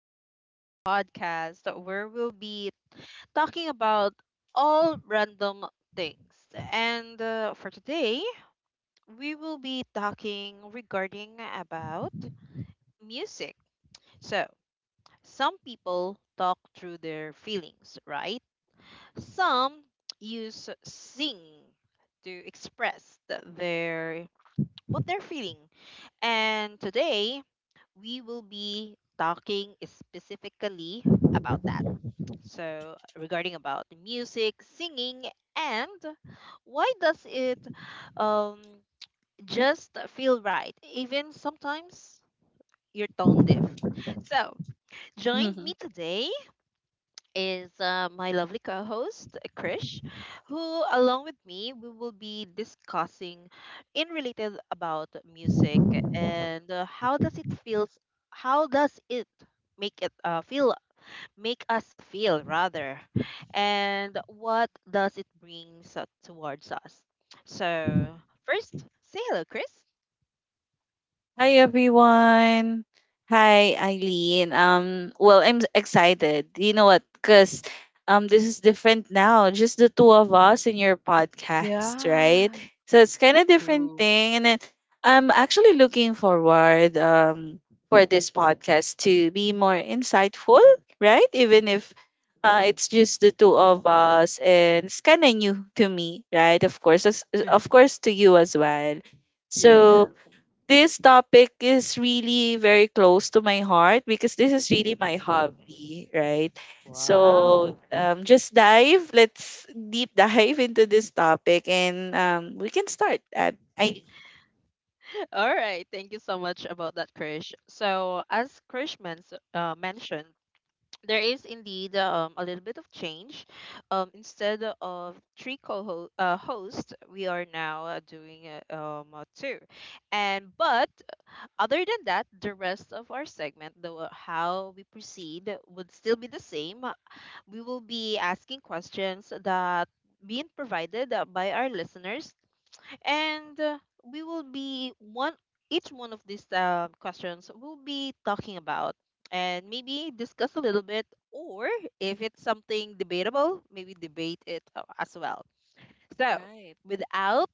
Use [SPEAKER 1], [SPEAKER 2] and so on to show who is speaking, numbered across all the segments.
[SPEAKER 1] to another podcast where we'll be talking about all random things. And for today, we will be talking regarding about music. So, some people talk through their feelings, right? Some use sing to express their what they're feeling. And today, we will be talking specifically about that. So, regarding about the music, singing, and why does it um, just feel right, even sometimes you're tone deaf. So, join me
[SPEAKER 2] Mhm.
[SPEAKER 1] today is my lovely co host, Krish, who, along with me, we will be discussing in related about music and how does it feels, how does it make it feel, make us feel rather, and what does it brings towards us. So, first, say hello, Chris.
[SPEAKER 2] Hi everyone. Hi Eileen. Well, I'm excited. You know what? Cuz this is different now. Just the two of us in your podcast, right?
[SPEAKER 1] Yes,
[SPEAKER 2] So it's kind of different
[SPEAKER 1] true.
[SPEAKER 2] thing and then I'm actually looking forward for this podcast to be more insightful, right? Even if it's just the two of us and it's kind of new to me, right? Of course, of course to you as well.
[SPEAKER 1] Yeah.
[SPEAKER 2] So, this topic is really very close to my heart because this is really my hobby, right?
[SPEAKER 1] Wow.
[SPEAKER 2] So just dive. Let's deep dive into this topic, and we can start. I
[SPEAKER 1] All right, thank you so much about that, Krish. So, as Krish mentioned, there is indeed a little bit of change. Instead of three co-hosts, hosts, we are now doing two. And but other than that, the rest of our segment, how we proceed, would still be the same. We will be asking questions that being provided by our listeners, and we will be one each one of these questions we'll be talking about, and maybe discuss a little bit, or if it's something debatable maybe debate it as well. So
[SPEAKER 2] Right.
[SPEAKER 1] without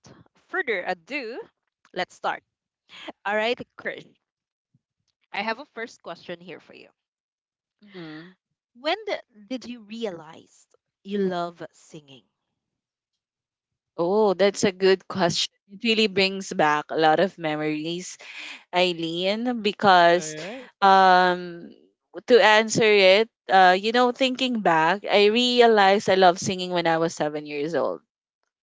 [SPEAKER 1] further ado, let's start. All right, Krish, I have a first question here for you.
[SPEAKER 2] Hmm.
[SPEAKER 1] when the, did you realize you love singing?
[SPEAKER 2] Oh, that's a good question. It really brings back a lot of memories, Eileen,
[SPEAKER 1] All
[SPEAKER 2] because
[SPEAKER 1] right.
[SPEAKER 2] um to answer it, thinking back, I realized I love singing when I was 7 years old.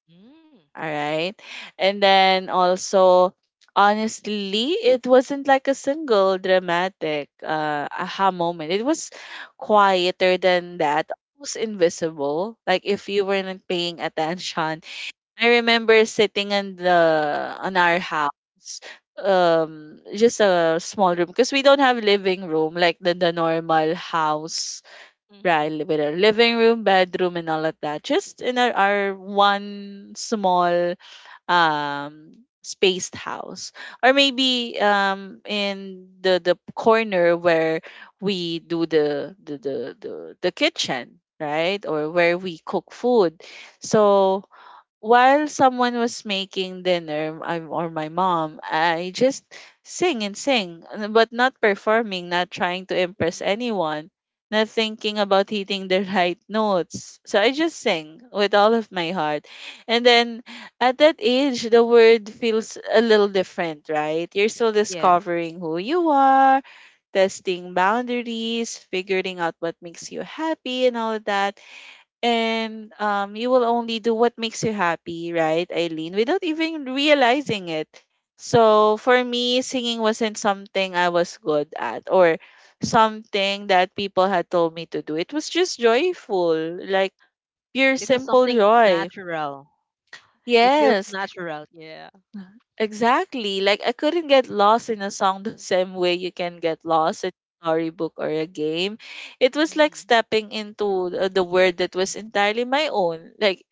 [SPEAKER 1] Mm.
[SPEAKER 2] All right. And then also, honestly, it wasn't like a single dramatic aha moment. It was quieter than that. It was invisible. Like if you
[SPEAKER 1] Mm-hmm.
[SPEAKER 2] weren't paying attention. I remember sitting in the on our house just a small room because we don't have living room like the normal house, right,
[SPEAKER 1] Mm-hmm.
[SPEAKER 2] with our living room, bedroom, and all of that, just in our one small spaced house, or maybe in the corner where we do the kitchen, right, or where we cook food. So while someone was making dinner, I, or my mom, I just sing and sing, but not performing, not trying to impress
[SPEAKER 1] Mm-hmm.
[SPEAKER 2] anyone, not thinking about hitting the right notes. So I just sing with all of my heart. And then at that age, the word feels a little different, right? You're still
[SPEAKER 1] Yes.
[SPEAKER 2] discovering who you are, testing boundaries, figuring out what makes you happy, and all of that, and you will only do what makes you happy, right, Eileen, without even realizing it. So for me, singing wasn't something I was good at or
[SPEAKER 1] Mm.
[SPEAKER 2] something that people had told me to do. It was just joyful, like pure,
[SPEAKER 1] It was
[SPEAKER 2] simple
[SPEAKER 1] something
[SPEAKER 2] joy.
[SPEAKER 1] natural. It feels
[SPEAKER 2] Yes.
[SPEAKER 1] natural. Yeah.
[SPEAKER 2] Exactly. Like I couldn't get lost in a song the same way you can get lost in a storybook or a game. It was like
[SPEAKER 1] Hmm.
[SPEAKER 2] stepping into the world that was entirely my own. Like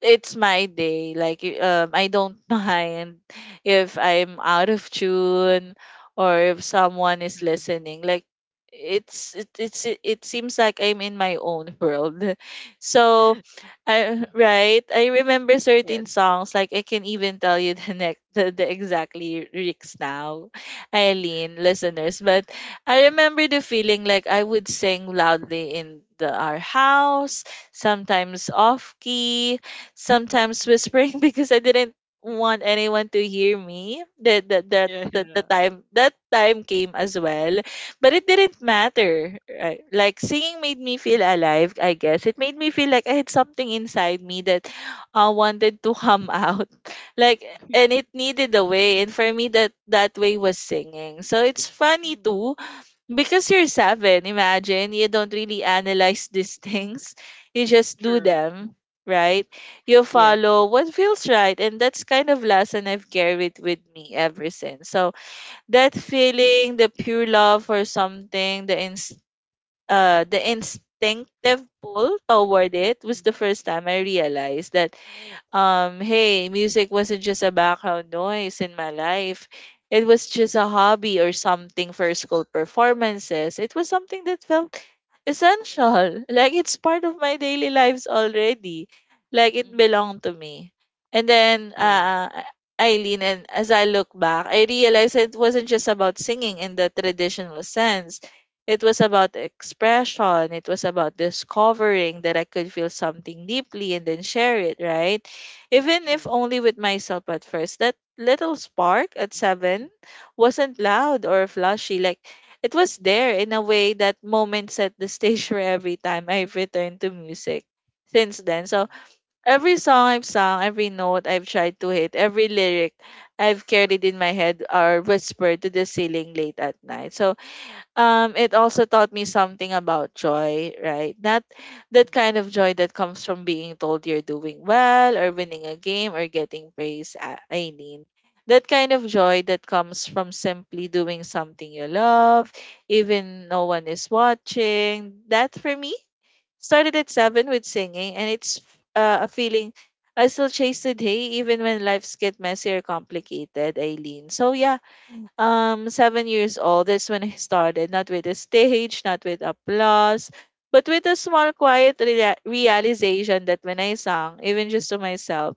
[SPEAKER 2] it's my day. Like I don't mind if I'm out of tune or if someone is
[SPEAKER 1] True.
[SPEAKER 2] listening. Like it seems like I'm in my own world. So I right. I remember certain
[SPEAKER 1] Yes.
[SPEAKER 2] songs. Like I can even tell you the exactly lyrics now, Eileen listeners. But I remember the feeling, like I would sing loudly in the our house, sometimes off key, sometimes whispering because I didn't want anyone to hear me. That that that
[SPEAKER 1] Yeah.
[SPEAKER 2] that the time that time came as well, but it didn't matter. Right? Like singing made me feel alive, I guess. It made me feel like I had something inside me that wanted to come out. Like, and it needed a way. And for me, that way was singing. So it's funny
[SPEAKER 1] Hmm.
[SPEAKER 2] too, because you're seven, imagine, you don't really analyze these things. You just do
[SPEAKER 1] True.
[SPEAKER 2] them, right? You
[SPEAKER 1] Yes.
[SPEAKER 2] follow what feels right, and that's kind of lesson I've carried with me ever since. So that feeling, the pure love for something, the the instinctive pull toward it, was the first time I realized that hey, music wasn't just a background noise in my life. It was just a hobby or something for school performances. It was something that felt essential. Like it's part of my daily lives already. Like it
[SPEAKER 1] Mm-hmm.
[SPEAKER 2] belonged to me. And then
[SPEAKER 1] True.
[SPEAKER 2] Eileen, and as I look back, I realized it wasn't just about singing in the traditional sense. It was about expression. It was about discovering that I could feel something deeply and then share it, right? Even if
[SPEAKER 1] True.
[SPEAKER 2] only with myself at first. That little spark at seven wasn't loud or flashy. Like it was there in a way that moment set the stage for every time I've returned to music since then. So
[SPEAKER 1] Mm-hmm.
[SPEAKER 2] every song I've sung, every note I've tried to hit, every lyric I've carried in my head or whispered to the ceiling late at night. So it also taught me something about joy, right? Not that
[SPEAKER 1] Mm-hmm.
[SPEAKER 2] kind of joy that comes from being told you're doing well or winning a game or getting praise, Eileen. That kind of joy that comes from simply doing something you love, even no one is watching, that for me started at seven with singing, and it's a feeling I still chase today, even when lives get messy or complicated, Aileen. So yeah, 7 years old, that's when I started, not with a stage, not with applause, but with a small quiet realization that when I sang, even just to myself,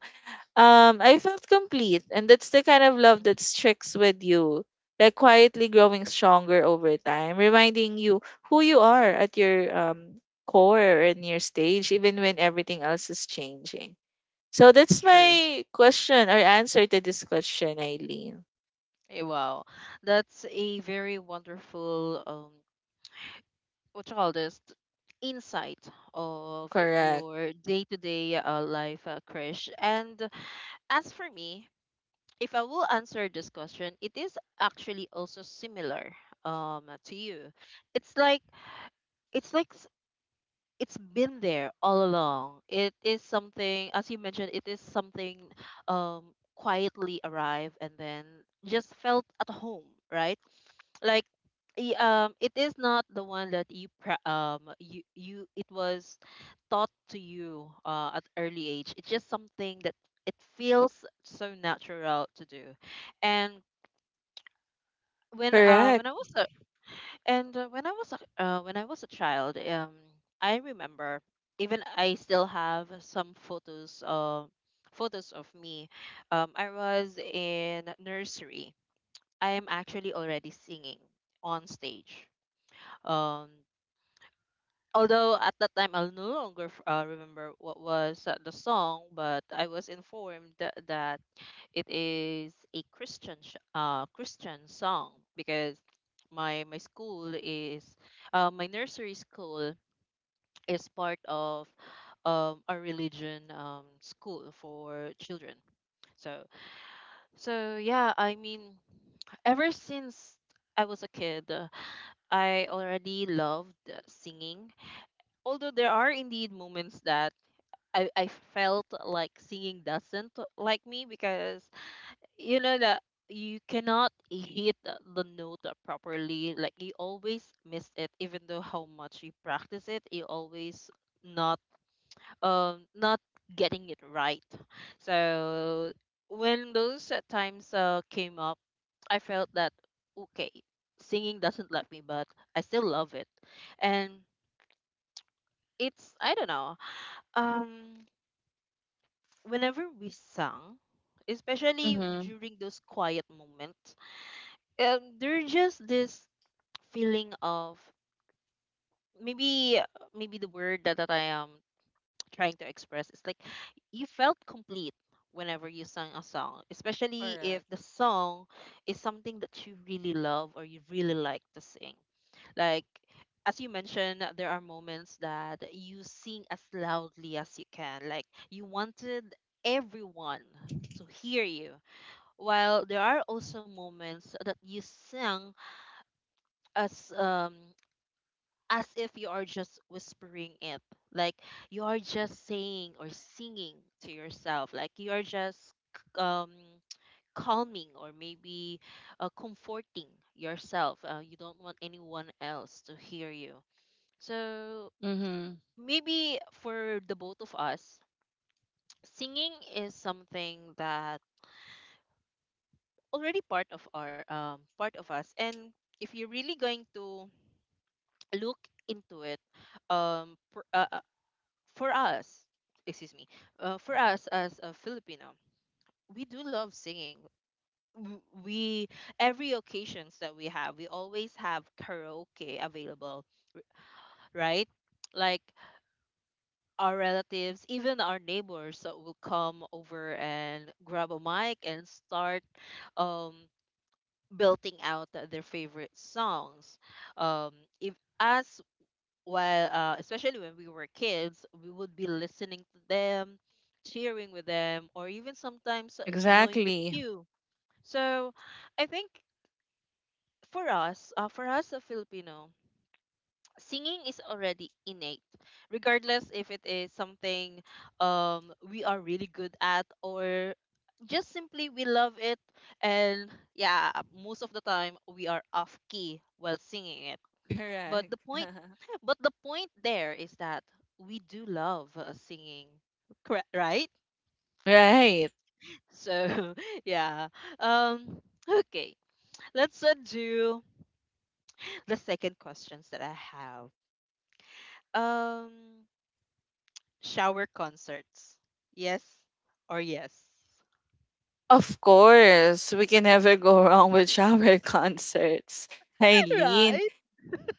[SPEAKER 2] I felt complete. And that's the kind of love that sticks with you, like quietly growing stronger over time, reminding you who you are at your core and your stage, even when everything else is changing. So that's
[SPEAKER 1] True.
[SPEAKER 2] my question or answer to this question, Eileen.
[SPEAKER 1] Eh, wow. That's a very wonderful, what you call this, insight of
[SPEAKER 2] Correct.
[SPEAKER 1] your day-to-day life, Krish. And as for me, if I will answer this question, it is actually also similar to you. It's like, it's like s- it's been there all along. It is something, as you mentioned, it is something quietly arrived and then just felt at home, right? Like, it is not the one that you pra- you you it was taught to you at early age. It's just something that it feels so natural to do, and when uh
[SPEAKER 2] Correct.
[SPEAKER 1] when I was a when I was a child. I remember, even I still have some photos of me. I was in nursery. I am actually already singing on stage. Um, although at that time I no longer remember what was the song, but I was informed that it is a Christian Christian song, because my school is, my nursery school is part of a religion school for children. So so, yeah, I mean, ever since I was a kid, I already loved singing. Although there are indeed moments that I felt like singing doesn't like me, because you know that you cannot hit the note properly, like you always miss it, even though how much you practice it you always not, not getting it right. So when those times came up, I felt that, okay, singing doesn't love me, but I still love it. And it's, I don't know, um whenever we sang, especially
[SPEAKER 2] Mm-hmm.
[SPEAKER 1] during those quiet moments, there's just this feeling of, maybe the word that I am trying to express is like you felt complete whenever you sang a song, especially if
[SPEAKER 2] Correct.
[SPEAKER 1] the song is something that you really love or you really like to sing. Like as you mentioned, there are moments that you sing as loudly as you can. Like you wanted everyone to hear you. While there are also moments that you sang, as um as if you are just whispering it, like you are just saying or singing to yourself, like you are just calming or maybe comforting yourself, you don't want anyone else to hear you. So
[SPEAKER 2] Mm-hmm.
[SPEAKER 1] maybe for the both of us, singing is something that already part of our part of us. And if you're really going to look into it, um pr- uh, for us, excuse me, for us as a Filipino, we do love singing. We every occasions that we have, we always have karaoke available, right? Like our relatives, even our neighbors will come over and grab a mic and start um, belting out their favorite songs. Um, if as while especially when we were kids we would be listening to them, cheering with them, or even sometimes join the
[SPEAKER 2] Exactly.
[SPEAKER 1] queue. So I think for us, a Filipino, singing is already innate, regardless if it is something, we are really good at, or just simply we love it. And yeah, most of the time we are off key while singing it. But
[SPEAKER 2] Correct.
[SPEAKER 1] the Point there is that we do love, singing, correct? Right?
[SPEAKER 2] Right.
[SPEAKER 1] So, yeah. Um, okay, let's do the second questions that I have. Um, Shower concerts, yes or yes?
[SPEAKER 2] Of course, we can never go wrong with shower concerts, Eileen.
[SPEAKER 1] Right?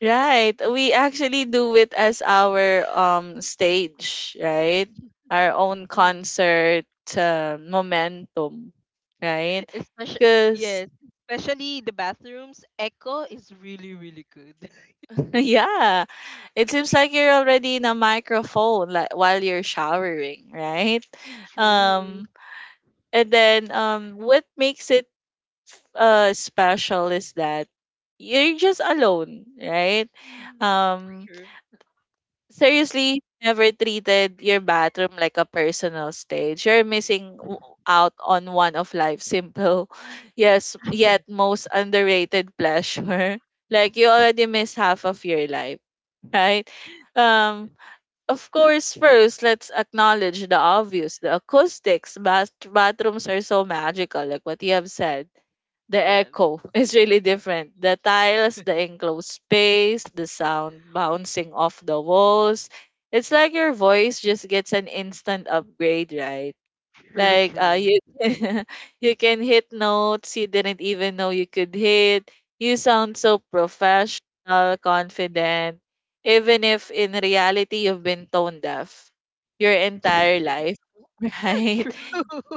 [SPEAKER 2] Right. We actually do it as our stage, right? Our own concert momentum, right?
[SPEAKER 1] Especially,
[SPEAKER 2] Cuz
[SPEAKER 1] yes, especially the bathrooms. Echo is really, really good.
[SPEAKER 2] yeah, it seems like you're already in a microphone like while you're showering, right?
[SPEAKER 1] True.
[SPEAKER 2] Um And then what makes it special is that you're just alone, right?
[SPEAKER 1] Mm.
[SPEAKER 2] Um
[SPEAKER 1] True.
[SPEAKER 2] Seriously never treated your bathroom like a personal stage. You're missing out on one of life's simple yes, yet most underrated pleasure. Like you already miss half of your life, right? Um of course, first, let's acknowledge the obvious. The acoustics, bathrooms are so magical, like what you have said. The
[SPEAKER 1] Yes.
[SPEAKER 2] echo is really different. The tiles, the enclosed space, the sound bouncing off the walls. It's like your voice just gets an instant upgrade, right?
[SPEAKER 1] True,
[SPEAKER 2] Like
[SPEAKER 1] true.
[SPEAKER 2] you you can hit notes you didn't even know you could hit. You sound so professional, confident, even if in reality you've been tone deaf your entire life, right?
[SPEAKER 1] True.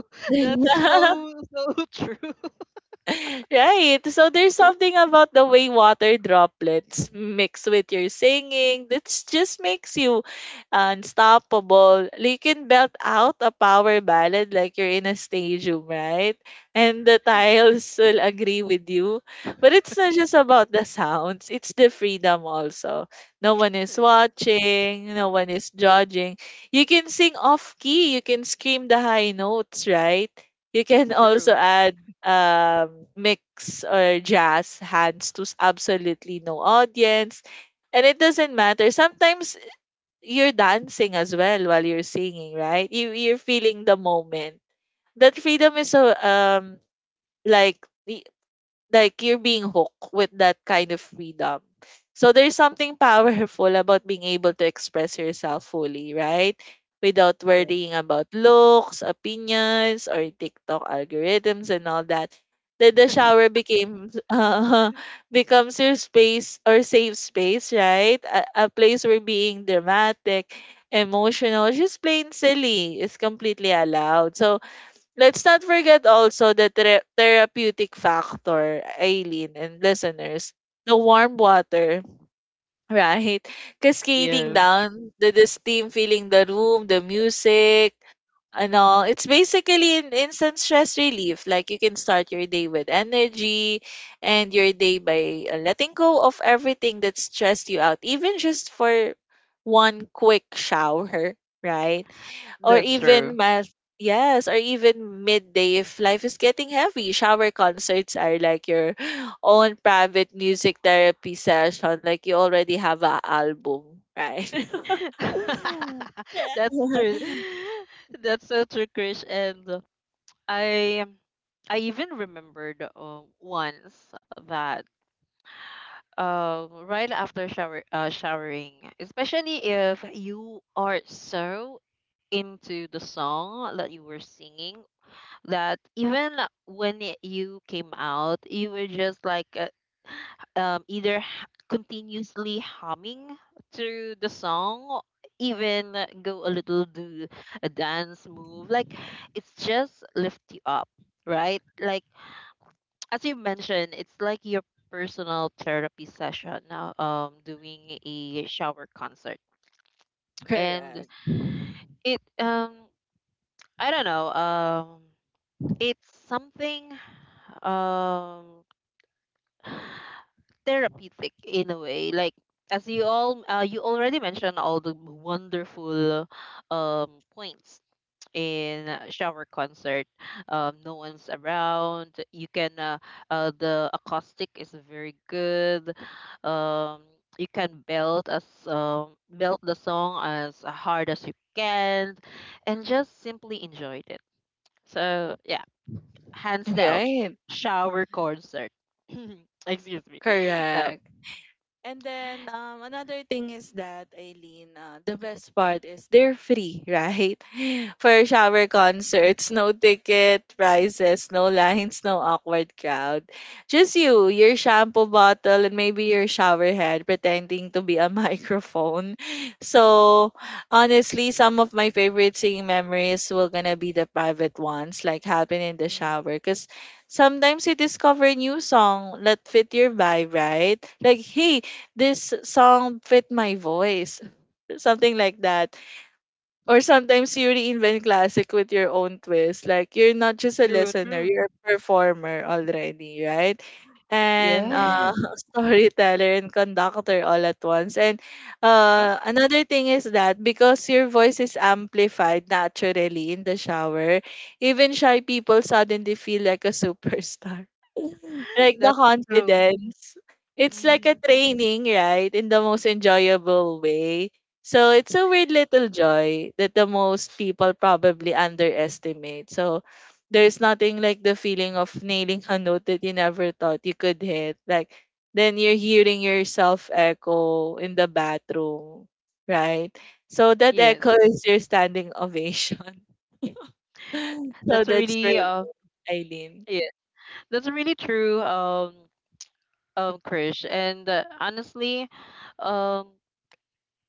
[SPEAKER 1] That's so so true.
[SPEAKER 2] Right. So there's something about the way water droplets mix with your singing that just makes you unstoppable. You can belt out a power ballad like you're in a stadium, right? And the tiles will agree with you. But it's not just about the sounds, it's the freedom also. No one is
[SPEAKER 1] Yeah,
[SPEAKER 2] watching, no one is judging. You can sing off key, you can scream the high notes, right? You can also
[SPEAKER 1] true.
[SPEAKER 2] add mix or jazz hands to absolutely no audience. And it doesn't matter. Sometimes you're dancing as well while you're singing, right? You're feeling the moment. That freedom is so, like, like you're being hooked with that kind of freedom. So there's something powerful about being able to express yourself fully, right? Without
[SPEAKER 1] True.
[SPEAKER 2] worrying about looks, opinions, or TikTok algorithms and all that. That the shower became becomes your space or safe space, right? A place where being dramatic, emotional, just plain silly is completely allowed. So let's not forget also the therapeutic factor, Aileen and listeners. The warm water, right? Cascading
[SPEAKER 1] Yes,
[SPEAKER 2] down, the steam filling the room, the music, and all. It's basically an instant stress relief. Like you can start your day with energy and your day by letting go of everything that stressed you out, even just for one quick shower, right? or
[SPEAKER 1] that's
[SPEAKER 2] even
[SPEAKER 1] true.
[SPEAKER 2] mild Yes, or even midday, if life is getting heavy, shower concerts are like your own private music therapy session. Like you already have a album, right? Yeah.
[SPEAKER 1] That's true. That's so true, Krish. And I I even remembered, once that, right after showering, especially if you are so into the song that you were singing, that even when you came out, you were just like, either, continuously humming through the song, or even go a little do a dance move. Like it's just lift you up, right? Like, as you mentioned, it's like your personal therapy session now, doing a shower concert. And
[SPEAKER 2] Correct.
[SPEAKER 1] it, I don't know, it's something, um therapeutic in a way. Like, as you already mentioned all the wonderful points in a shower concert. No one's around, you can, the acoustic is very good. um you can belt the song as hard as you can, and just simply enjoyed it. So yeah, hands down,
[SPEAKER 2] Right.
[SPEAKER 1] shower concert. Excuse me. So
[SPEAKER 2] Correct. And then another thing is that, Eileen, the best part is they're free, right? For shower concerts, no ticket prices, no lines, no awkward crowd. Just you,
[SPEAKER 1] mm-hmm.
[SPEAKER 2] your shampoo bottle, and maybe your shower head pretending to be a microphone. So honestly, some of my favorite singing memories will gonna be the private ones, like happen in the
[SPEAKER 1] Mm.
[SPEAKER 2] shower, cause sometimes you discover a new song that fit your vibe, right? Like, hey, this song fit my voice, something like that. Or sometimes you reinvent classic with your own twist. Like you're not just a
[SPEAKER 1] True,
[SPEAKER 2] listener,
[SPEAKER 1] true.
[SPEAKER 2] you're a performer already, right? And
[SPEAKER 1] Yeah,
[SPEAKER 2] storyteller and conductor all at once. And another thing is that because your voice is amplified naturally in the shower, even shy people suddenly feel like a superstar, like the
[SPEAKER 1] that's true.
[SPEAKER 2] confidence. It's like a
[SPEAKER 1] Hmm.
[SPEAKER 2] training, right? In the most enjoyable way. So it's a weird little joy that the most people probably underestimate. So there's nothing like the feeling of nailing a note that you never thought you could hit. Like then you're hearing yourself echo in the bathroom, right? So that
[SPEAKER 1] Yes,
[SPEAKER 2] echo is your standing ovation. So
[SPEAKER 1] that's
[SPEAKER 2] that's for
[SPEAKER 1] really,
[SPEAKER 2] Eileen.
[SPEAKER 1] yeah, that's really true. Krish, and honestly, um,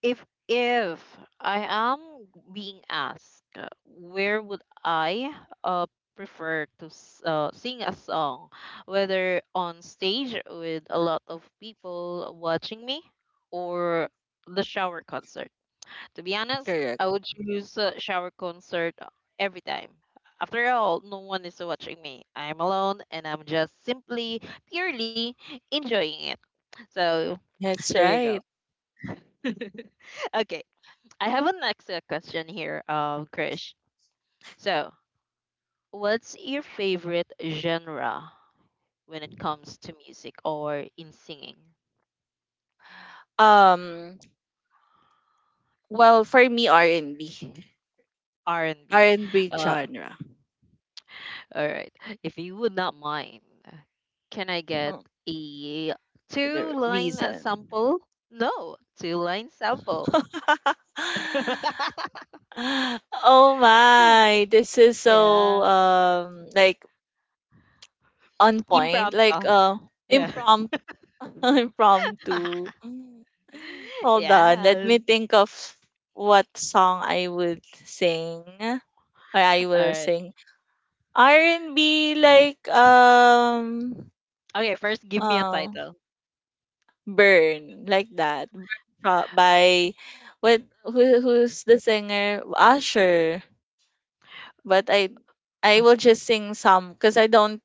[SPEAKER 1] if I am being asked, where would I uh prefer to sing a song, whether on stage with a lot of people watching me, or the shower concert? To be honest,
[SPEAKER 2] Correct.
[SPEAKER 1] I would choose a shower concert every time. After all, no one is watching me. I'm alone and I'm just simply, purely enjoying it. So
[SPEAKER 2] That's
[SPEAKER 1] there you go.
[SPEAKER 2] right.
[SPEAKER 1] Okay, I have a next question here, Krish. So, what's your favorite genre when it comes to music or in singing?
[SPEAKER 2] Um, well, for me,
[SPEAKER 1] R and
[SPEAKER 2] R
[SPEAKER 1] B.
[SPEAKER 2] and B
[SPEAKER 1] Uh,
[SPEAKER 2] genre.
[SPEAKER 1] All right. If you would not mind, can I get
[SPEAKER 2] Oh,
[SPEAKER 1] a two
[SPEAKER 2] the
[SPEAKER 1] line
[SPEAKER 2] reason.
[SPEAKER 1] sample? No, two line sample.
[SPEAKER 2] Oh my, this is so
[SPEAKER 1] Yeah.
[SPEAKER 2] like on point, like
[SPEAKER 1] Impromptu. Yeah.
[SPEAKER 2] impromptu, impromptu. Hold on, let
[SPEAKER 1] Yeah.
[SPEAKER 2] me think of what song I would sing or I
[SPEAKER 1] All
[SPEAKER 2] will
[SPEAKER 1] right.
[SPEAKER 2] sing. R and B like
[SPEAKER 1] Okay, first give me a
[SPEAKER 2] uh,
[SPEAKER 1] title.
[SPEAKER 2] Burn, like that, Burn by, what who's the singer? Usher. But I
[SPEAKER 1] Oh,
[SPEAKER 2] will just sing some because I don't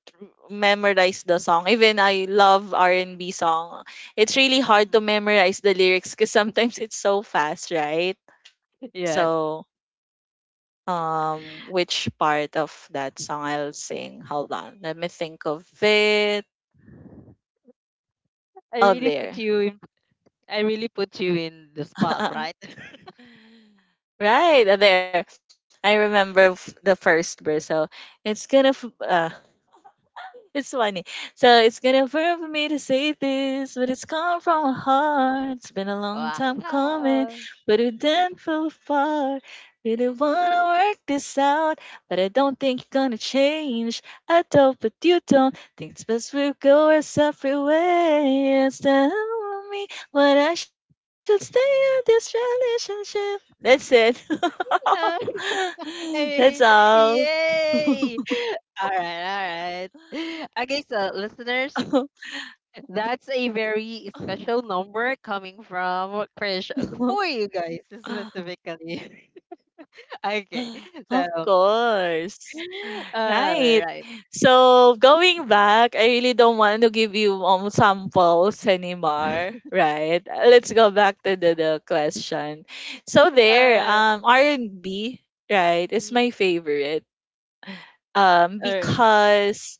[SPEAKER 2] memorize the song, even I love R&B song. It's really hard
[SPEAKER 1] mm.
[SPEAKER 2] to memorize the lyrics because sometimes it's so fast, right?
[SPEAKER 1] Yes.
[SPEAKER 2] So which part of that song I'll sing? Hold on, let me think of it.
[SPEAKER 1] I
[SPEAKER 2] Oh,
[SPEAKER 1] really put
[SPEAKER 2] there.
[SPEAKER 1] you in I really put you in the spot, right?
[SPEAKER 2] Right, there. I remember the first verse. So it's gonna it's funny. So it's gonna hurt for me to say this, but it's come from my heart. It's been a long time coming,
[SPEAKER 1] Wow.
[SPEAKER 2] but we didn't fall apart. Really wanna work this out, but I don't think you're gonna change. I don't, but you don't. Think it's best we go our separate ways. Tell me what I should stay in this relationship. That's it.
[SPEAKER 1] Okay.
[SPEAKER 2] That's all.
[SPEAKER 1] Yay. All right, all right. Okay, so listeners, that's a very special number coming from Krish for you guys specifically. Okay,
[SPEAKER 2] Of
[SPEAKER 1] so
[SPEAKER 2] course.
[SPEAKER 1] all
[SPEAKER 2] Right.
[SPEAKER 1] right,
[SPEAKER 2] So going back, I really don't want to give you samples anymore. Right. Let's go back to the question. So
[SPEAKER 1] all
[SPEAKER 2] there,
[SPEAKER 1] right,
[SPEAKER 2] R and B, right, is my
[SPEAKER 1] mm,
[SPEAKER 2] favorite. Um,
[SPEAKER 1] all right.
[SPEAKER 2] because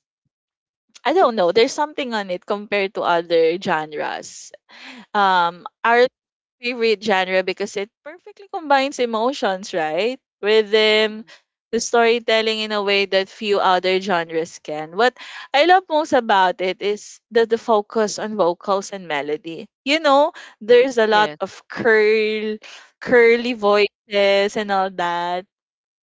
[SPEAKER 2] I don't know, there's something on it compared to other genres. Our favorite genre because it perfectly combines emotions, right? Rhythm,
[SPEAKER 1] Mhm.
[SPEAKER 2] the storytelling in a way that few other genres can. What I love most about it is the focus on vocals and melody. You know, there's a lot
[SPEAKER 1] Yes.
[SPEAKER 2] of curly voices and all that.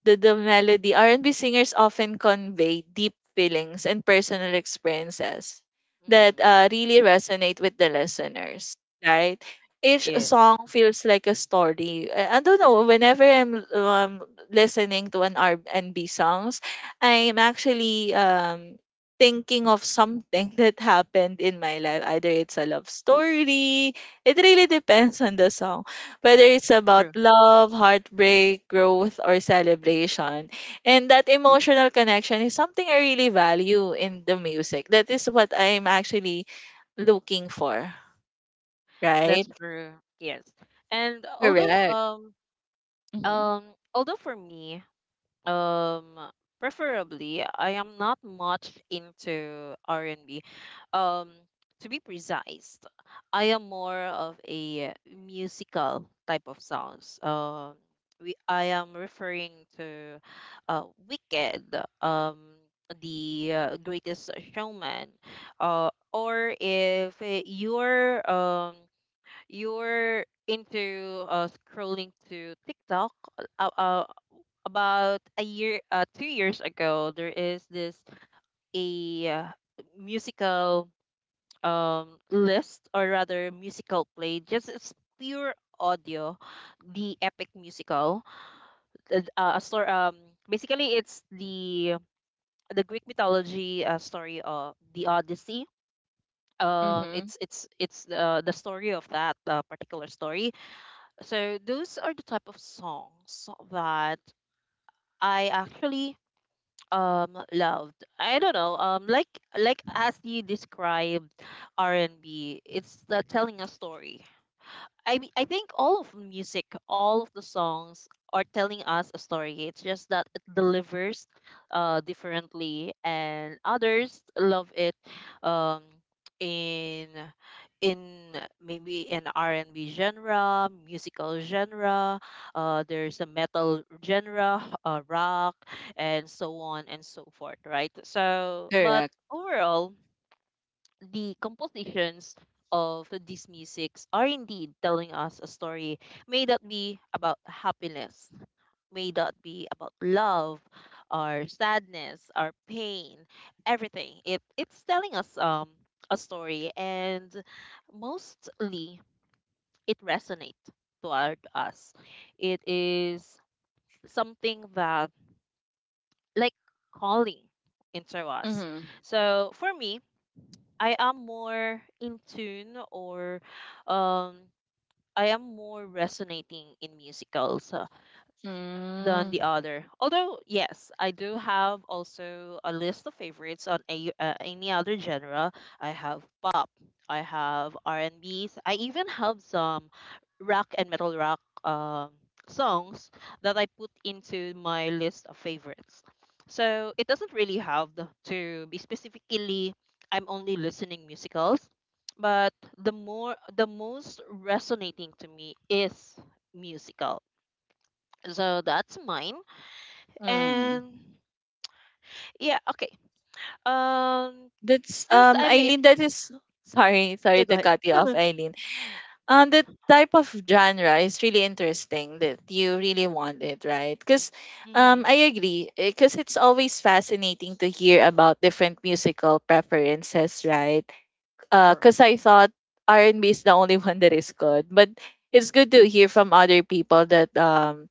[SPEAKER 2] The melody, R&B singers often convey deep feelings and personal experiences that
[SPEAKER 1] Hmm.
[SPEAKER 2] really resonate with the listeners, right? Each
[SPEAKER 1] Yes,
[SPEAKER 2] song feels like a story. I don't know, whenever I'm listening to an R&B songs, I'm actually thinking of something that happened in my life. Either it's a love story, it really depends on the song, whether it's about
[SPEAKER 1] true.
[SPEAKER 2] love, heartbreak, growth, or celebration. And that emotional connection is something I really value in the music. That is what I'm actually looking for,
[SPEAKER 1] That's
[SPEAKER 2] right?
[SPEAKER 1] true. Yes, and although,
[SPEAKER 2] Correct. Mm-hmm.
[SPEAKER 1] um for me, um preferably I am not much into R&B, um to be precise, I am more of a musical type of songs. We I am referring to, uh Wicked, um the, Greatest Showman, or if, you're, you're into scrolling to TikTok, uh, uh about a year, 2 years ago, there is this, a uh, musical list, or rather musical play. Just, it's pure audio, the Epic Musical, a story, basically it's the Greek mythology, story of the Odyssey. um
[SPEAKER 2] Mm-hmm.
[SPEAKER 1] it's it's it's uh, the story of that, particular story. So those are the type of songs that I actually, loved. I don't know, like as you described, R&B, it's, telling a story. I mean, I think all of the music, all of the songs are telling us a story. It's just that it delivers differently, and others love it, um in in maybe in R&B genre, musical genre, there's a metal genre, rock, and so on and so forth, right? So, but
[SPEAKER 2] Correct.
[SPEAKER 1] overall, the compositions of these musics are indeed telling us a story. May that be about happiness, may that be about love, our sadness, our pain, everything. It's telling us a story, and mostly it resonates toward us. It is something that, like, calling into us.
[SPEAKER 2] Mm-hmm.
[SPEAKER 1] So for me, I am more in tune, or um I am more resonating in musicals, than
[SPEAKER 2] Mm-hmm.
[SPEAKER 1] the other. Although, yes, I do have also a list of favorites on a, any other genre. I have pop, I have R&Bs, I even have some rock and metal rock songs that I put into my list of favorites. So it doesn't really have the, to be specifically I'm only listening musicals, but the more the most resonating to me is musical. So that's mine. And yeah, okay. Um,
[SPEAKER 2] That's
[SPEAKER 1] since I may,
[SPEAKER 2] Eileen, that is sorry,
[SPEAKER 1] yeah,
[SPEAKER 2] sorry
[SPEAKER 1] go
[SPEAKER 2] to
[SPEAKER 1] ahead.
[SPEAKER 2] cut you
[SPEAKER 1] No,
[SPEAKER 2] off,
[SPEAKER 1] no.
[SPEAKER 2] Eileen. The type of genre is really interesting that you really want it, right? Because
[SPEAKER 1] Mm-hmm.
[SPEAKER 2] I agree, because it's always fascinating to hear about different musical preferences, right?
[SPEAKER 1] True.
[SPEAKER 2] Because I thought R&B is the only one that is good, but it's good to hear from other people that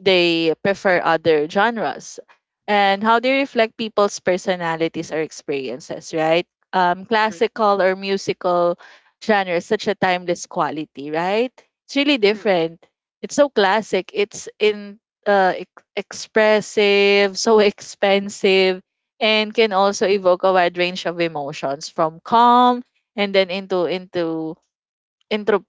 [SPEAKER 2] they prefer other genres and how they
[SPEAKER 1] Mhm.
[SPEAKER 2] reflect people's personalities or experiences, right? Um,
[SPEAKER 1] True. True.
[SPEAKER 2] classical or musical genre is such a timeless quality, right? It's really
[SPEAKER 1] True.
[SPEAKER 2] different. It's so classic. It's expressive, so expensive, and can also evoke a wide range of emotions from calm and then into intro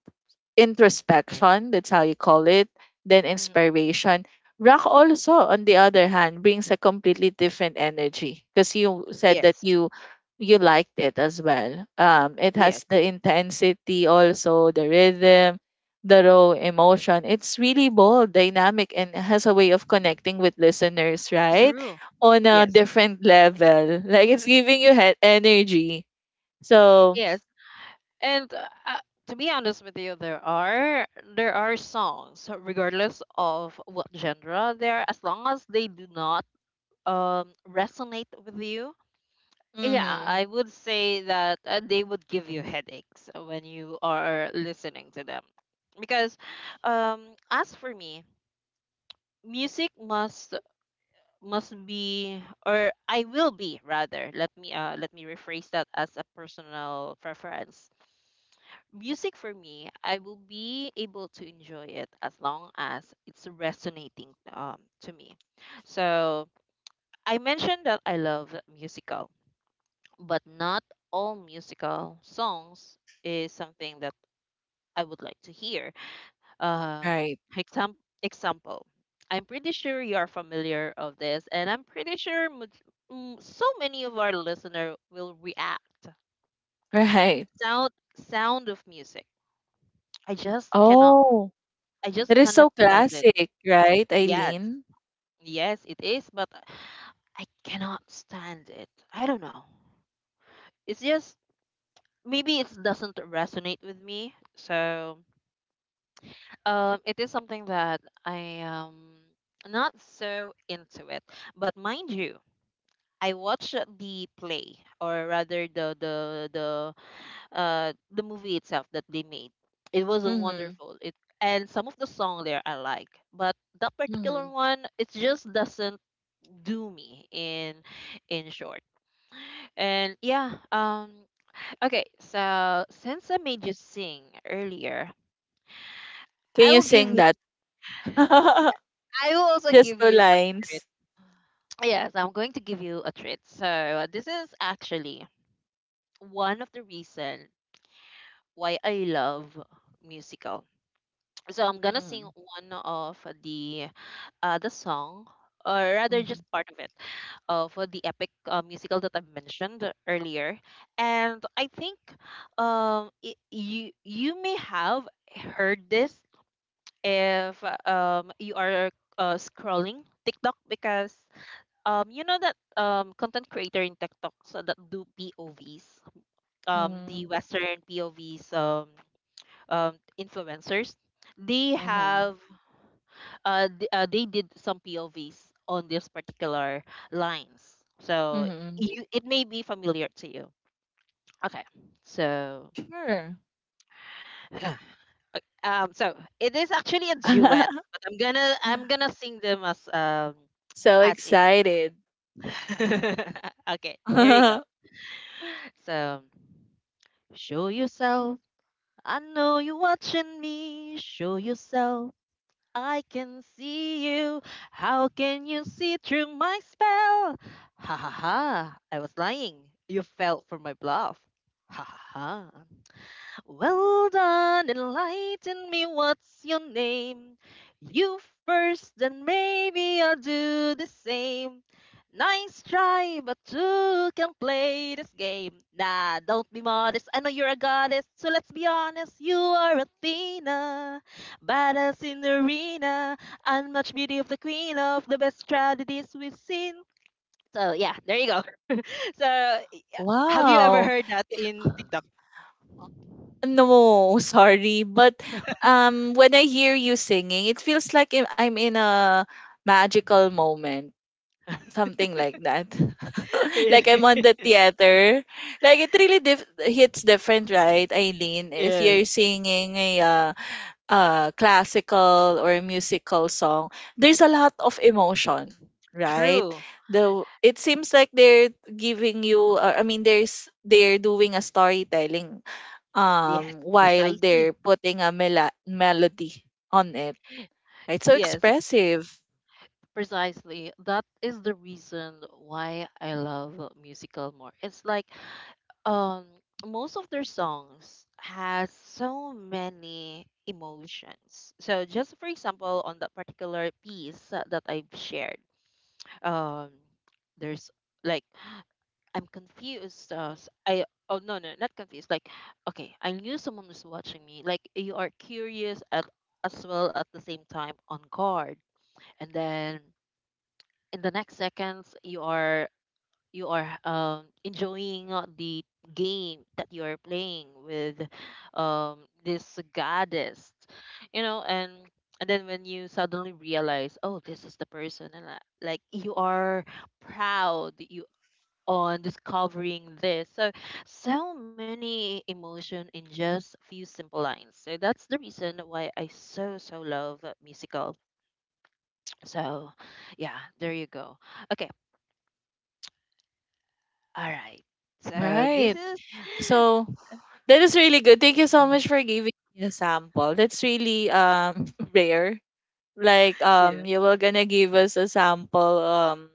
[SPEAKER 2] introspection, that's how you call it, then
[SPEAKER 1] hmm
[SPEAKER 2] inspiration. Rock also, on the other hand, brings a completely different energy because you said that
[SPEAKER 1] Yes.
[SPEAKER 2] you liked it as well. It
[SPEAKER 1] Yes.
[SPEAKER 2] has the intensity, also the rhythm, the raw emotion. It's really bold, dynamic, and has a way of connecting with listeners, right?
[SPEAKER 1] True.
[SPEAKER 2] On a
[SPEAKER 1] Yes.
[SPEAKER 2] different level, like it's giving you energy. So,
[SPEAKER 1] Yes. And to be honest with you, there are songs, regardless of what genre they are, as long as they do not resonate with you. Yeah,
[SPEAKER 2] mhm,
[SPEAKER 1] I would say that they would give you headaches when you are listening to them. Because um as for me, music must be, or I will be rather. Let me rephrase that as a personal preference. Music for me, I will be able to enjoy it as long as it's resonating to me. So I mentioned that I love musicals, but not all musical songs is something that I would like to hear. Um,
[SPEAKER 2] right,
[SPEAKER 1] exam- Example, I'm pretty sure you are familiar of this, and I'm pretty sure much, so many of our listener will react.
[SPEAKER 2] right.
[SPEAKER 1] Sound of music. I just cannot.
[SPEAKER 2] Oh,
[SPEAKER 1] I
[SPEAKER 2] that
[SPEAKER 1] just
[SPEAKER 2] is
[SPEAKER 1] cannot
[SPEAKER 2] so
[SPEAKER 1] stand it.
[SPEAKER 2] classic, right,
[SPEAKER 1] Yes,
[SPEAKER 2] Eileen?
[SPEAKER 1] yes, it is, but I cannot stand it. I don't know. It's just maybe it doesn't resonate with me. So it is something that I am not so into it. But mind you, I watched the play, or rather the movie itself that they made. It was a
[SPEAKER 2] Mm-hmm.
[SPEAKER 1] wonderful. It and some of the song there I like, but that particular
[SPEAKER 2] Mm-hmm.
[SPEAKER 1] one it just doesn't do me in short. And yeah, okay, so since I made you sing earlier,
[SPEAKER 2] Can
[SPEAKER 1] I
[SPEAKER 2] you
[SPEAKER 1] will give
[SPEAKER 2] sing
[SPEAKER 1] you
[SPEAKER 2] that?
[SPEAKER 1] I will also
[SPEAKER 2] Just
[SPEAKER 1] give
[SPEAKER 2] two
[SPEAKER 1] you a,
[SPEAKER 2] lines.
[SPEAKER 1] yes, I'm going to give you a treat. So, this is actually one of the reason why I love musical. So, I'm gonna sing
[SPEAKER 2] Mm-hmm.
[SPEAKER 1] one of the the song, or rather, just part of it, of the epic musical that I mentioned earlier. And I think it, you may have heard this if you are scrolling TikTok because you know that content creator in TikTok so that do POVs, um
[SPEAKER 2] Mm-hmm.
[SPEAKER 1] the Western POVs, influencers they
[SPEAKER 2] Mm-hmm.
[SPEAKER 1] have they did some POVs on this particular lines, so
[SPEAKER 2] Mm-hmm.
[SPEAKER 1] you, it may be familiar to you. Okay, so
[SPEAKER 2] Sure.
[SPEAKER 1] so it is actually a duet, but I'm gonna sing them
[SPEAKER 2] So
[SPEAKER 1] as is.
[SPEAKER 2] excited.
[SPEAKER 1] Okay, here you go. So show yourself. I know you're watching me. Show yourself. I can see you. How can you see through my spell? Ha ha ha. I was lying. You fell for my bluff. Ha ha ha. Well done, enlighten me, what's your name? You first, then maybe I'll do the same. Nice try, but who can play this game? Nah, don't be modest, I know you're a goddess, so let's be honest, you are Athena. Badass in the arena, unmatched beauty of the queen of the best tragedies we've seen. So yeah, there you go. So have you ever
[SPEAKER 2] Wow.
[SPEAKER 1] heard that in TikTok?
[SPEAKER 2] No, sorry, but when I hear you singing, it feels like I'm in a magical moment. Something like that. Like I'm on the theater. Like it really hits different, right, Eileen? If
[SPEAKER 1] Yes.
[SPEAKER 2] you're singing a classical or musical song, there's a lot of emotion, right?
[SPEAKER 1] True.
[SPEAKER 2] The it seems like they're giving you. I mean, there's they're doing a storytelling
[SPEAKER 1] Yes,
[SPEAKER 2] while they're
[SPEAKER 1] precisely.
[SPEAKER 2] putting a melody on it. Right, so
[SPEAKER 1] Yes,
[SPEAKER 2] expressive.
[SPEAKER 1] precisely. That is the reason why I love musical more. It's like um most of their songs has so many emotions. So just for example, on that particular piece that I've shared, um there's, like, I'm confused. I, oh no no, not confused. Like okay, I knew someone was watching me. Like you are curious at as well at the same time on guard, and then in the next seconds you are enjoying the game that you are playing with this goddess, you know, and then when you suddenly realize, oh this is the person, and like you are proud on discovering this. So, so many emotion in just few simple lines. So that's the reason why I so so love musical. So, yeah, there you go. Okay, all right. So this
[SPEAKER 2] Right.
[SPEAKER 1] is
[SPEAKER 2] So that is really good. Thank you so much for giving me a sample. That's really rare. Like
[SPEAKER 1] yeah.
[SPEAKER 2] you were gonna give us a sample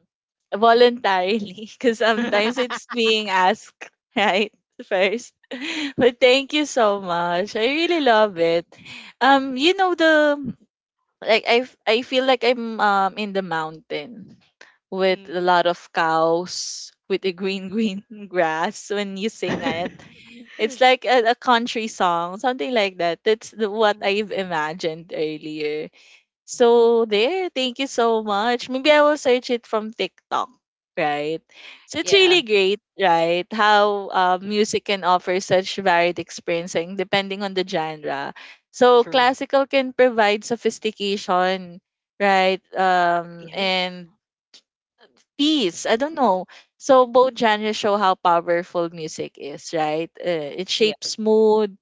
[SPEAKER 2] voluntarily because sometimes it's being asked right first. But thank you so much. I really love it. You know the like I f- I feel like I'm in the mountain with a
[SPEAKER 1] mm.
[SPEAKER 2] lot of cows with the green green grass when you sing it. It's like a country song, something like that. That's what I've
[SPEAKER 1] mm.
[SPEAKER 2] imagined earlier. So there, thank you so much. Maybe I will search it from TikTok, right? So it's
[SPEAKER 1] Yeah,
[SPEAKER 2] really great, right? How music can offer such varied experiencing depending on the genre. So
[SPEAKER 1] true.
[SPEAKER 2] classical can provide sophistication, right? Um,
[SPEAKER 1] Yeah,
[SPEAKER 2] and peace. I don't know. So both genres show how powerful music is, right? It
[SPEAKER 1] yeah,
[SPEAKER 2] shapes mood,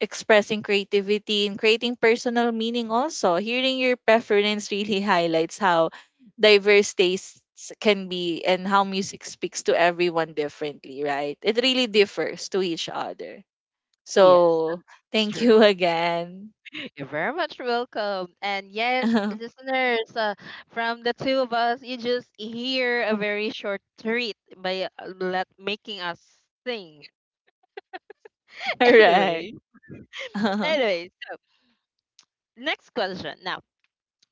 [SPEAKER 2] expressing creativity and creating personal meaning, also hearing your preference really highlights how diverse tastes can be and how music speaks to everyone differently, right? It really differs to each other.
[SPEAKER 1] yes,
[SPEAKER 2] So
[SPEAKER 1] that's
[SPEAKER 2] thank
[SPEAKER 1] true.
[SPEAKER 2] you again.
[SPEAKER 1] You're very much welcome. And yes, listeners, from the two of us, you just hear a very short treat by let, making us sing.
[SPEAKER 2] Correct.
[SPEAKER 1] Anyway, anyways, next question. Now,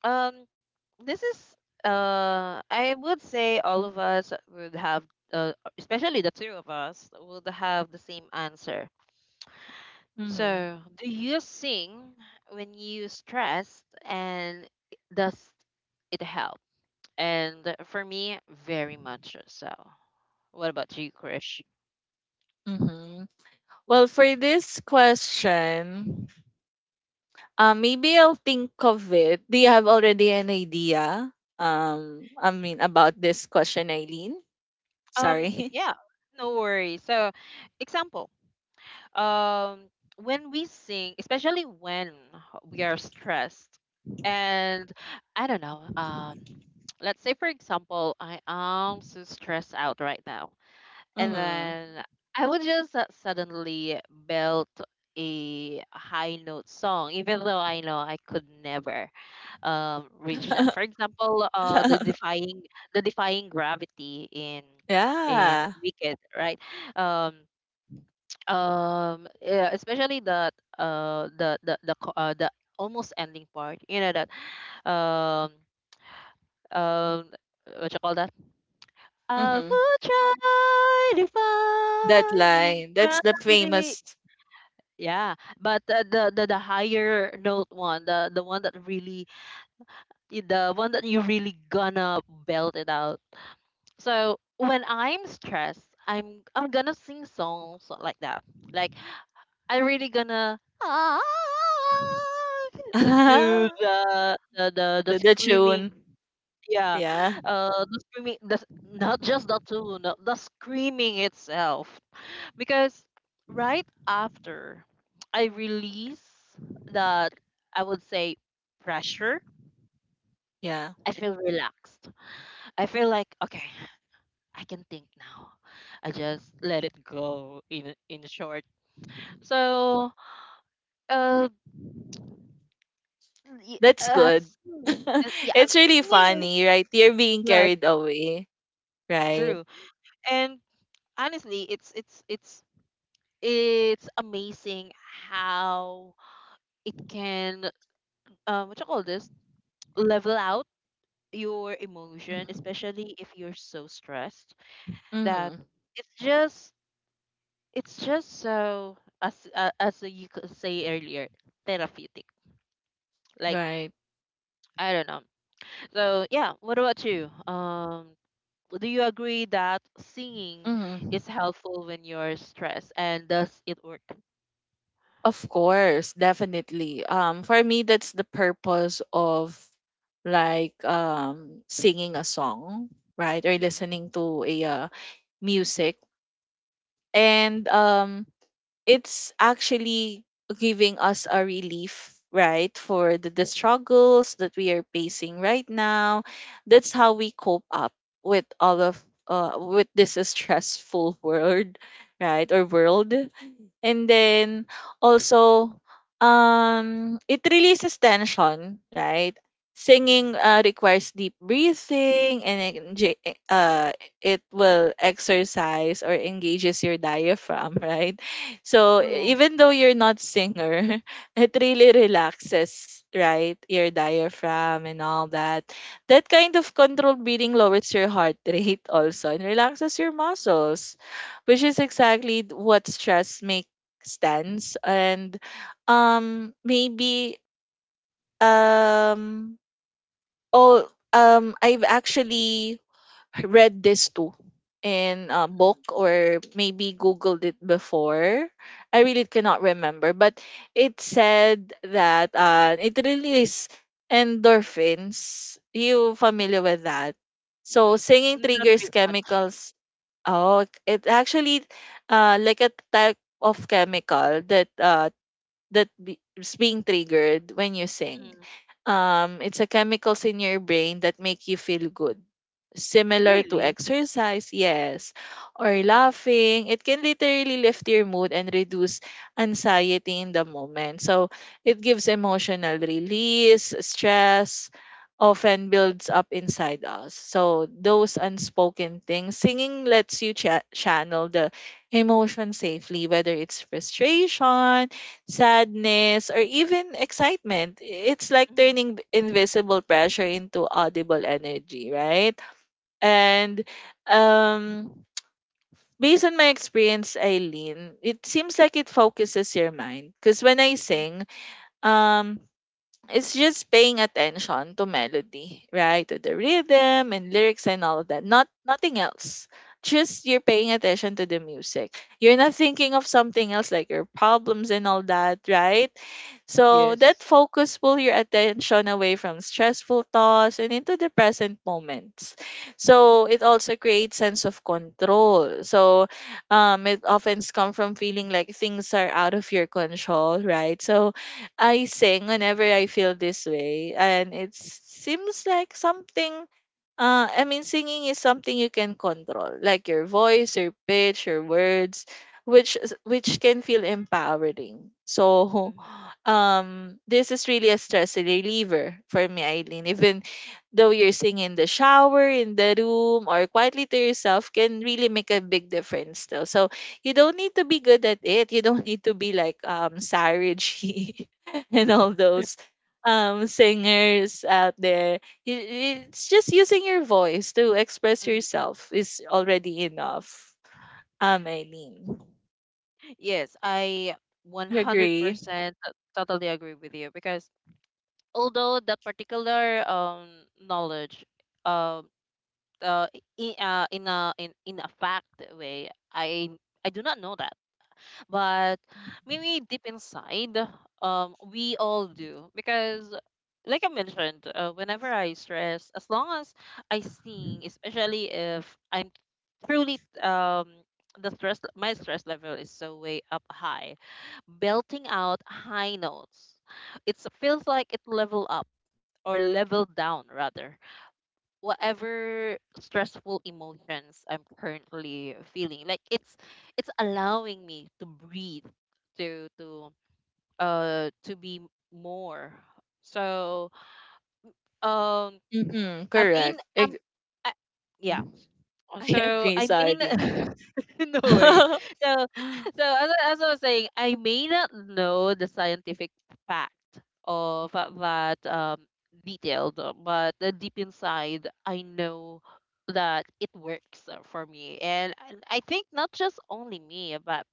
[SPEAKER 1] um, this is I would say all of us would have, especially the two of us, would have the same answer.
[SPEAKER 2] hmm
[SPEAKER 1] So, do you sing when you stressed, and does it help? And for me, very much so. What about you, Krish?
[SPEAKER 2] hmm well, for this question, maybe I'll think of it. Do you have already an idea, I mean, about this question, Eileen? Sorry?
[SPEAKER 1] Yeah, no worries. So, example, um, when we sing, especially when we are stressed, and I don't know, let's say for example, I am so stressed out right now, and
[SPEAKER 2] Mhm.
[SPEAKER 1] then I would just suddenly belt a high note song, even though I know I could never reach that. For example, the defying gravity in
[SPEAKER 2] Yeah.
[SPEAKER 1] Wicked, right? Um yeah, especially the the almost ending part. You know that um um what you call that? I
[SPEAKER 2] Mhm.
[SPEAKER 1] will
[SPEAKER 2] That
[SPEAKER 1] try defying
[SPEAKER 2] line, that's the
[SPEAKER 1] gravity.
[SPEAKER 2] famous.
[SPEAKER 1] Yeah, but the higher note one, the one that really the one that you really gonna belt it out. So when I'm stressed, I'm gonna sing songs like that. Like I really gonna ah, do the the the, the
[SPEAKER 2] To the tune.
[SPEAKER 1] screaming. Yeah,
[SPEAKER 2] Yeah.
[SPEAKER 1] the screaming. Not just the tune, the screaming itself. Because right after I release that, I would say pressure.
[SPEAKER 2] Yeah.
[SPEAKER 1] I feel relaxed. I feel like okay. I can think now. I just let it go in short. So uh,
[SPEAKER 2] That's good.
[SPEAKER 1] singing is- yeah,
[SPEAKER 2] It's really
[SPEAKER 1] singing is,
[SPEAKER 2] funny, right? You're being
[SPEAKER 1] yeah,
[SPEAKER 2] carried away, right?
[SPEAKER 1] true. And honestly, it's amazing how it can what you call this level out your emotion, especially if you're so stressed that
[SPEAKER 2] Mm-hmm.
[SPEAKER 1] it's just it's just so as you could say earlier, therapeutic, like
[SPEAKER 2] Right.
[SPEAKER 1] I don't know. So yeah, what about you? Do you agree that singing
[SPEAKER 2] Mm-hmm.
[SPEAKER 1] is helpful when you're stressed, and does it work?
[SPEAKER 2] Of course, definitely. For me, that's the purpose of like singing a song, right? Or
[SPEAKER 1] Mm-hmm.
[SPEAKER 2] listening to a music, and it's actually giving us a relief, right, for the struggles that we are facing right now. That's how we cope up with all of with this stressful world, right, or world. And then also it releases tension, right? Singing
[SPEAKER 1] Mm.
[SPEAKER 2] requires deep breathing and it will exercise or engages your diaphragm. Right, so
[SPEAKER 1] True.
[SPEAKER 2] even though you're not singer, it really relaxes, right? Your diaphragm and all that. That kind of controlled breathing lowers your heart rate also and relaxes your muscles, which is exactly what stress makes stands, and maybe, um oh I've actually read this too in a
[SPEAKER 1] Mm.
[SPEAKER 2] book or maybe googled it before. I really cannot remember, but it said that it releases endorphins. You familiar with that? So
[SPEAKER 1] Mm.
[SPEAKER 2] singing
[SPEAKER 1] Not
[SPEAKER 2] triggers
[SPEAKER 1] really much.
[SPEAKER 2] chemicals. Oh, it actually like a type of chemical that is being triggered when you sing.
[SPEAKER 1] Mm.
[SPEAKER 2] It's a chemicals in your brain that make you feel good. Similar to
[SPEAKER 1] Really?
[SPEAKER 2] exercise, yes, or
[SPEAKER 1] Mm.
[SPEAKER 2] laughing, it can literally lift your mood and reduce anxiety in the moment. So it gives emotional release. Stress often builds up inside us. So those unspoken things, singing lets you channel the emotion safely, whether it's frustration, sadness, or even excitement. It's like
[SPEAKER 1] Mm.
[SPEAKER 2] turning invisible pressure into audible energy, right? And um, based on my experience, Eileen, it seems like it focuses your mind. Because when I
[SPEAKER 1] Mm.
[SPEAKER 2] sing, um, it's just paying attention to melody, right? To the rhythm and lyrics and all of that. Not nothing else. Just you're paying attention to the music. You're not thinking of something else like your problems and all that, right? So that
[SPEAKER 1] Yes.
[SPEAKER 2] focus pull your attention away from stressful thoughts and into the present moments. So it also creates sense of control. So it often comes from feeling like things are out of your control, right? So I sing whenever I feel this way, and it seems like something. I mean, singing is something you can control, like your voice, your pitch, your words, which can feel empowering. So,
[SPEAKER 1] Mm.
[SPEAKER 2] this is really a stress reliever for me, Eileen. Even though you're singing in the shower, in the room, or quietly to yourself, can really make a big difference. Though, so you don't need to be good at it. You don't need to be like Sarah G. And all those singers out there. It's just using your voice to express
[SPEAKER 1] Mm.
[SPEAKER 2] yourself is already enough. Eileen,
[SPEAKER 1] Yes, I
[SPEAKER 2] you agree?
[SPEAKER 1] 100% totally agree with you because although that particular knowledge um uh, in a fact way, I do not know that, but maybe deep inside we all do because like I mentioned, whenever I stress, as long as I sing, especially if I'm truly the stress my stress level is so way up high, belting out high notes, it feels like it level up or level down rather, whatever stressful emotions I'm currently feeling. Like it's allowing me to breathe, to to to be more. So um
[SPEAKER 2] Mm-hmm,
[SPEAKER 1] I mean
[SPEAKER 2] correct.
[SPEAKER 1] I, yeah,
[SPEAKER 2] Mm, I
[SPEAKER 1] so
[SPEAKER 2] agree,
[SPEAKER 1] I mean,
[SPEAKER 2] sorry.
[SPEAKER 1] no worries. So, as I was saying, I may not know the scientific fact of detailed, but deep inside, I know that it works for me, and I think not just only me, but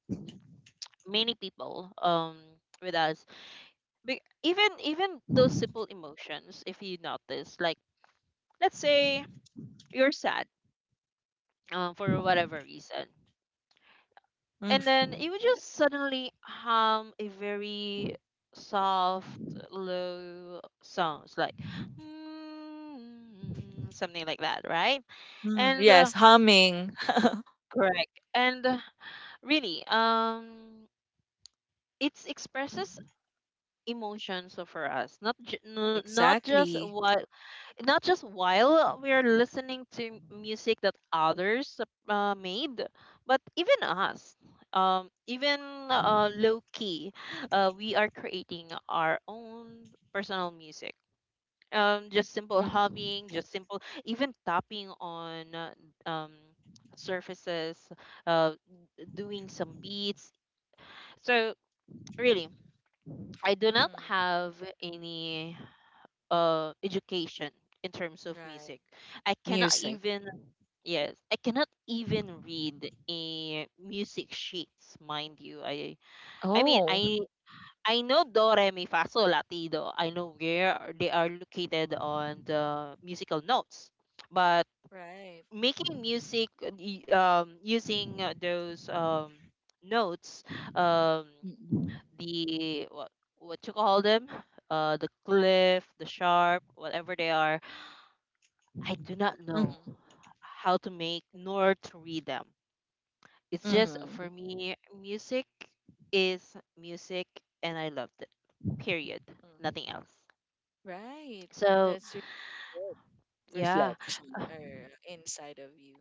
[SPEAKER 1] many people with us. Even even those simple emotions, if you notice, like let's say you're sad, for whatever reason, and then
[SPEAKER 2] Mhm.
[SPEAKER 1] it would just suddenly hum a very soft low songs like mm, something like that, right?
[SPEAKER 2] Mhm.
[SPEAKER 1] And
[SPEAKER 2] Yes, humming.
[SPEAKER 1] correct, and really it expresses
[SPEAKER 2] Mhm,
[SPEAKER 1] emotions for us, not ju- n- not just
[SPEAKER 2] exactly.
[SPEAKER 1] what, not just while we are listening to music that others made, but even us, even low key, we are creating our own personal music. Just simple
[SPEAKER 2] Mhm.
[SPEAKER 1] humming, just simple, even tapping on um, surfaces, uh, doing some beats. So really, I do not
[SPEAKER 2] Mhm.
[SPEAKER 1] have any education in terms of
[SPEAKER 2] Right.
[SPEAKER 1] music. I cannot
[SPEAKER 2] Music.
[SPEAKER 1] even, yes, I cannot even read a music sheets, mind you. I mean
[SPEAKER 2] Oh,
[SPEAKER 1] I I know do re mi fa sol la ti. Latido. I know where are- they are located on the musical notes, but
[SPEAKER 2] right.
[SPEAKER 1] making music, using those notes um
[SPEAKER 2] Mm-hmm.
[SPEAKER 1] the what, what you call them, the cliff, the sharp, whatever they are, I do not know
[SPEAKER 2] Mm-hmm.
[SPEAKER 1] how to make nor to read them. It's just
[SPEAKER 2] Mm-hmm.
[SPEAKER 1] for me, music is music, and I loved it. Period. Nothing
[SPEAKER 2] Mm-hmm.
[SPEAKER 1] else.
[SPEAKER 2] Right.
[SPEAKER 1] So
[SPEAKER 2] That's really good
[SPEAKER 1] yeah,
[SPEAKER 2] reflection or inside of you.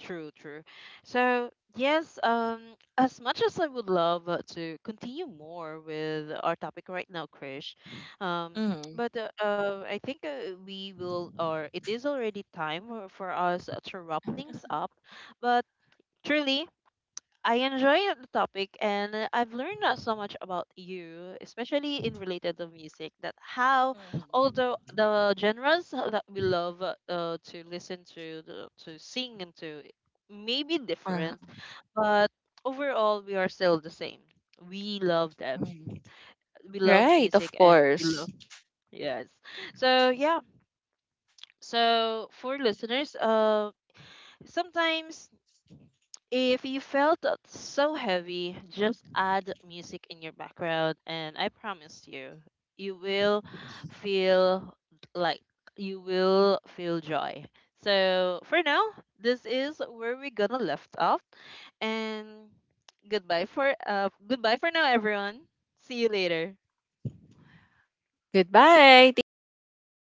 [SPEAKER 1] true, true. So yes, as much as I would love to continue more with our topic right now, Krish, um,
[SPEAKER 2] Mm-hmm.
[SPEAKER 1] but I think we will, or it is already time for us to wrap things up. But truly, I enjoy the topic and I've learned so much about you, especially in related to music, that how
[SPEAKER 2] Mm-hmm.
[SPEAKER 1] although the genres that we love to listen to sing and to may be
[SPEAKER 2] Uh-huh.
[SPEAKER 1] different, but overall we are still the same. We love them.
[SPEAKER 2] Mm-hmm.
[SPEAKER 1] We love
[SPEAKER 2] Right,
[SPEAKER 1] music
[SPEAKER 2] of
[SPEAKER 1] and we
[SPEAKER 2] course.
[SPEAKER 1] love yes. So yeah. So for listeners, sometimes if you felt that so heavy, just add music in your background, and I promise you, you will
[SPEAKER 2] Mm-hmm.
[SPEAKER 1] feel like you will feel joy. So for now, this is where we're gonna left off, and goodbye for goodbye for now, everyone. See you later.
[SPEAKER 2] Goodbye. Thank you.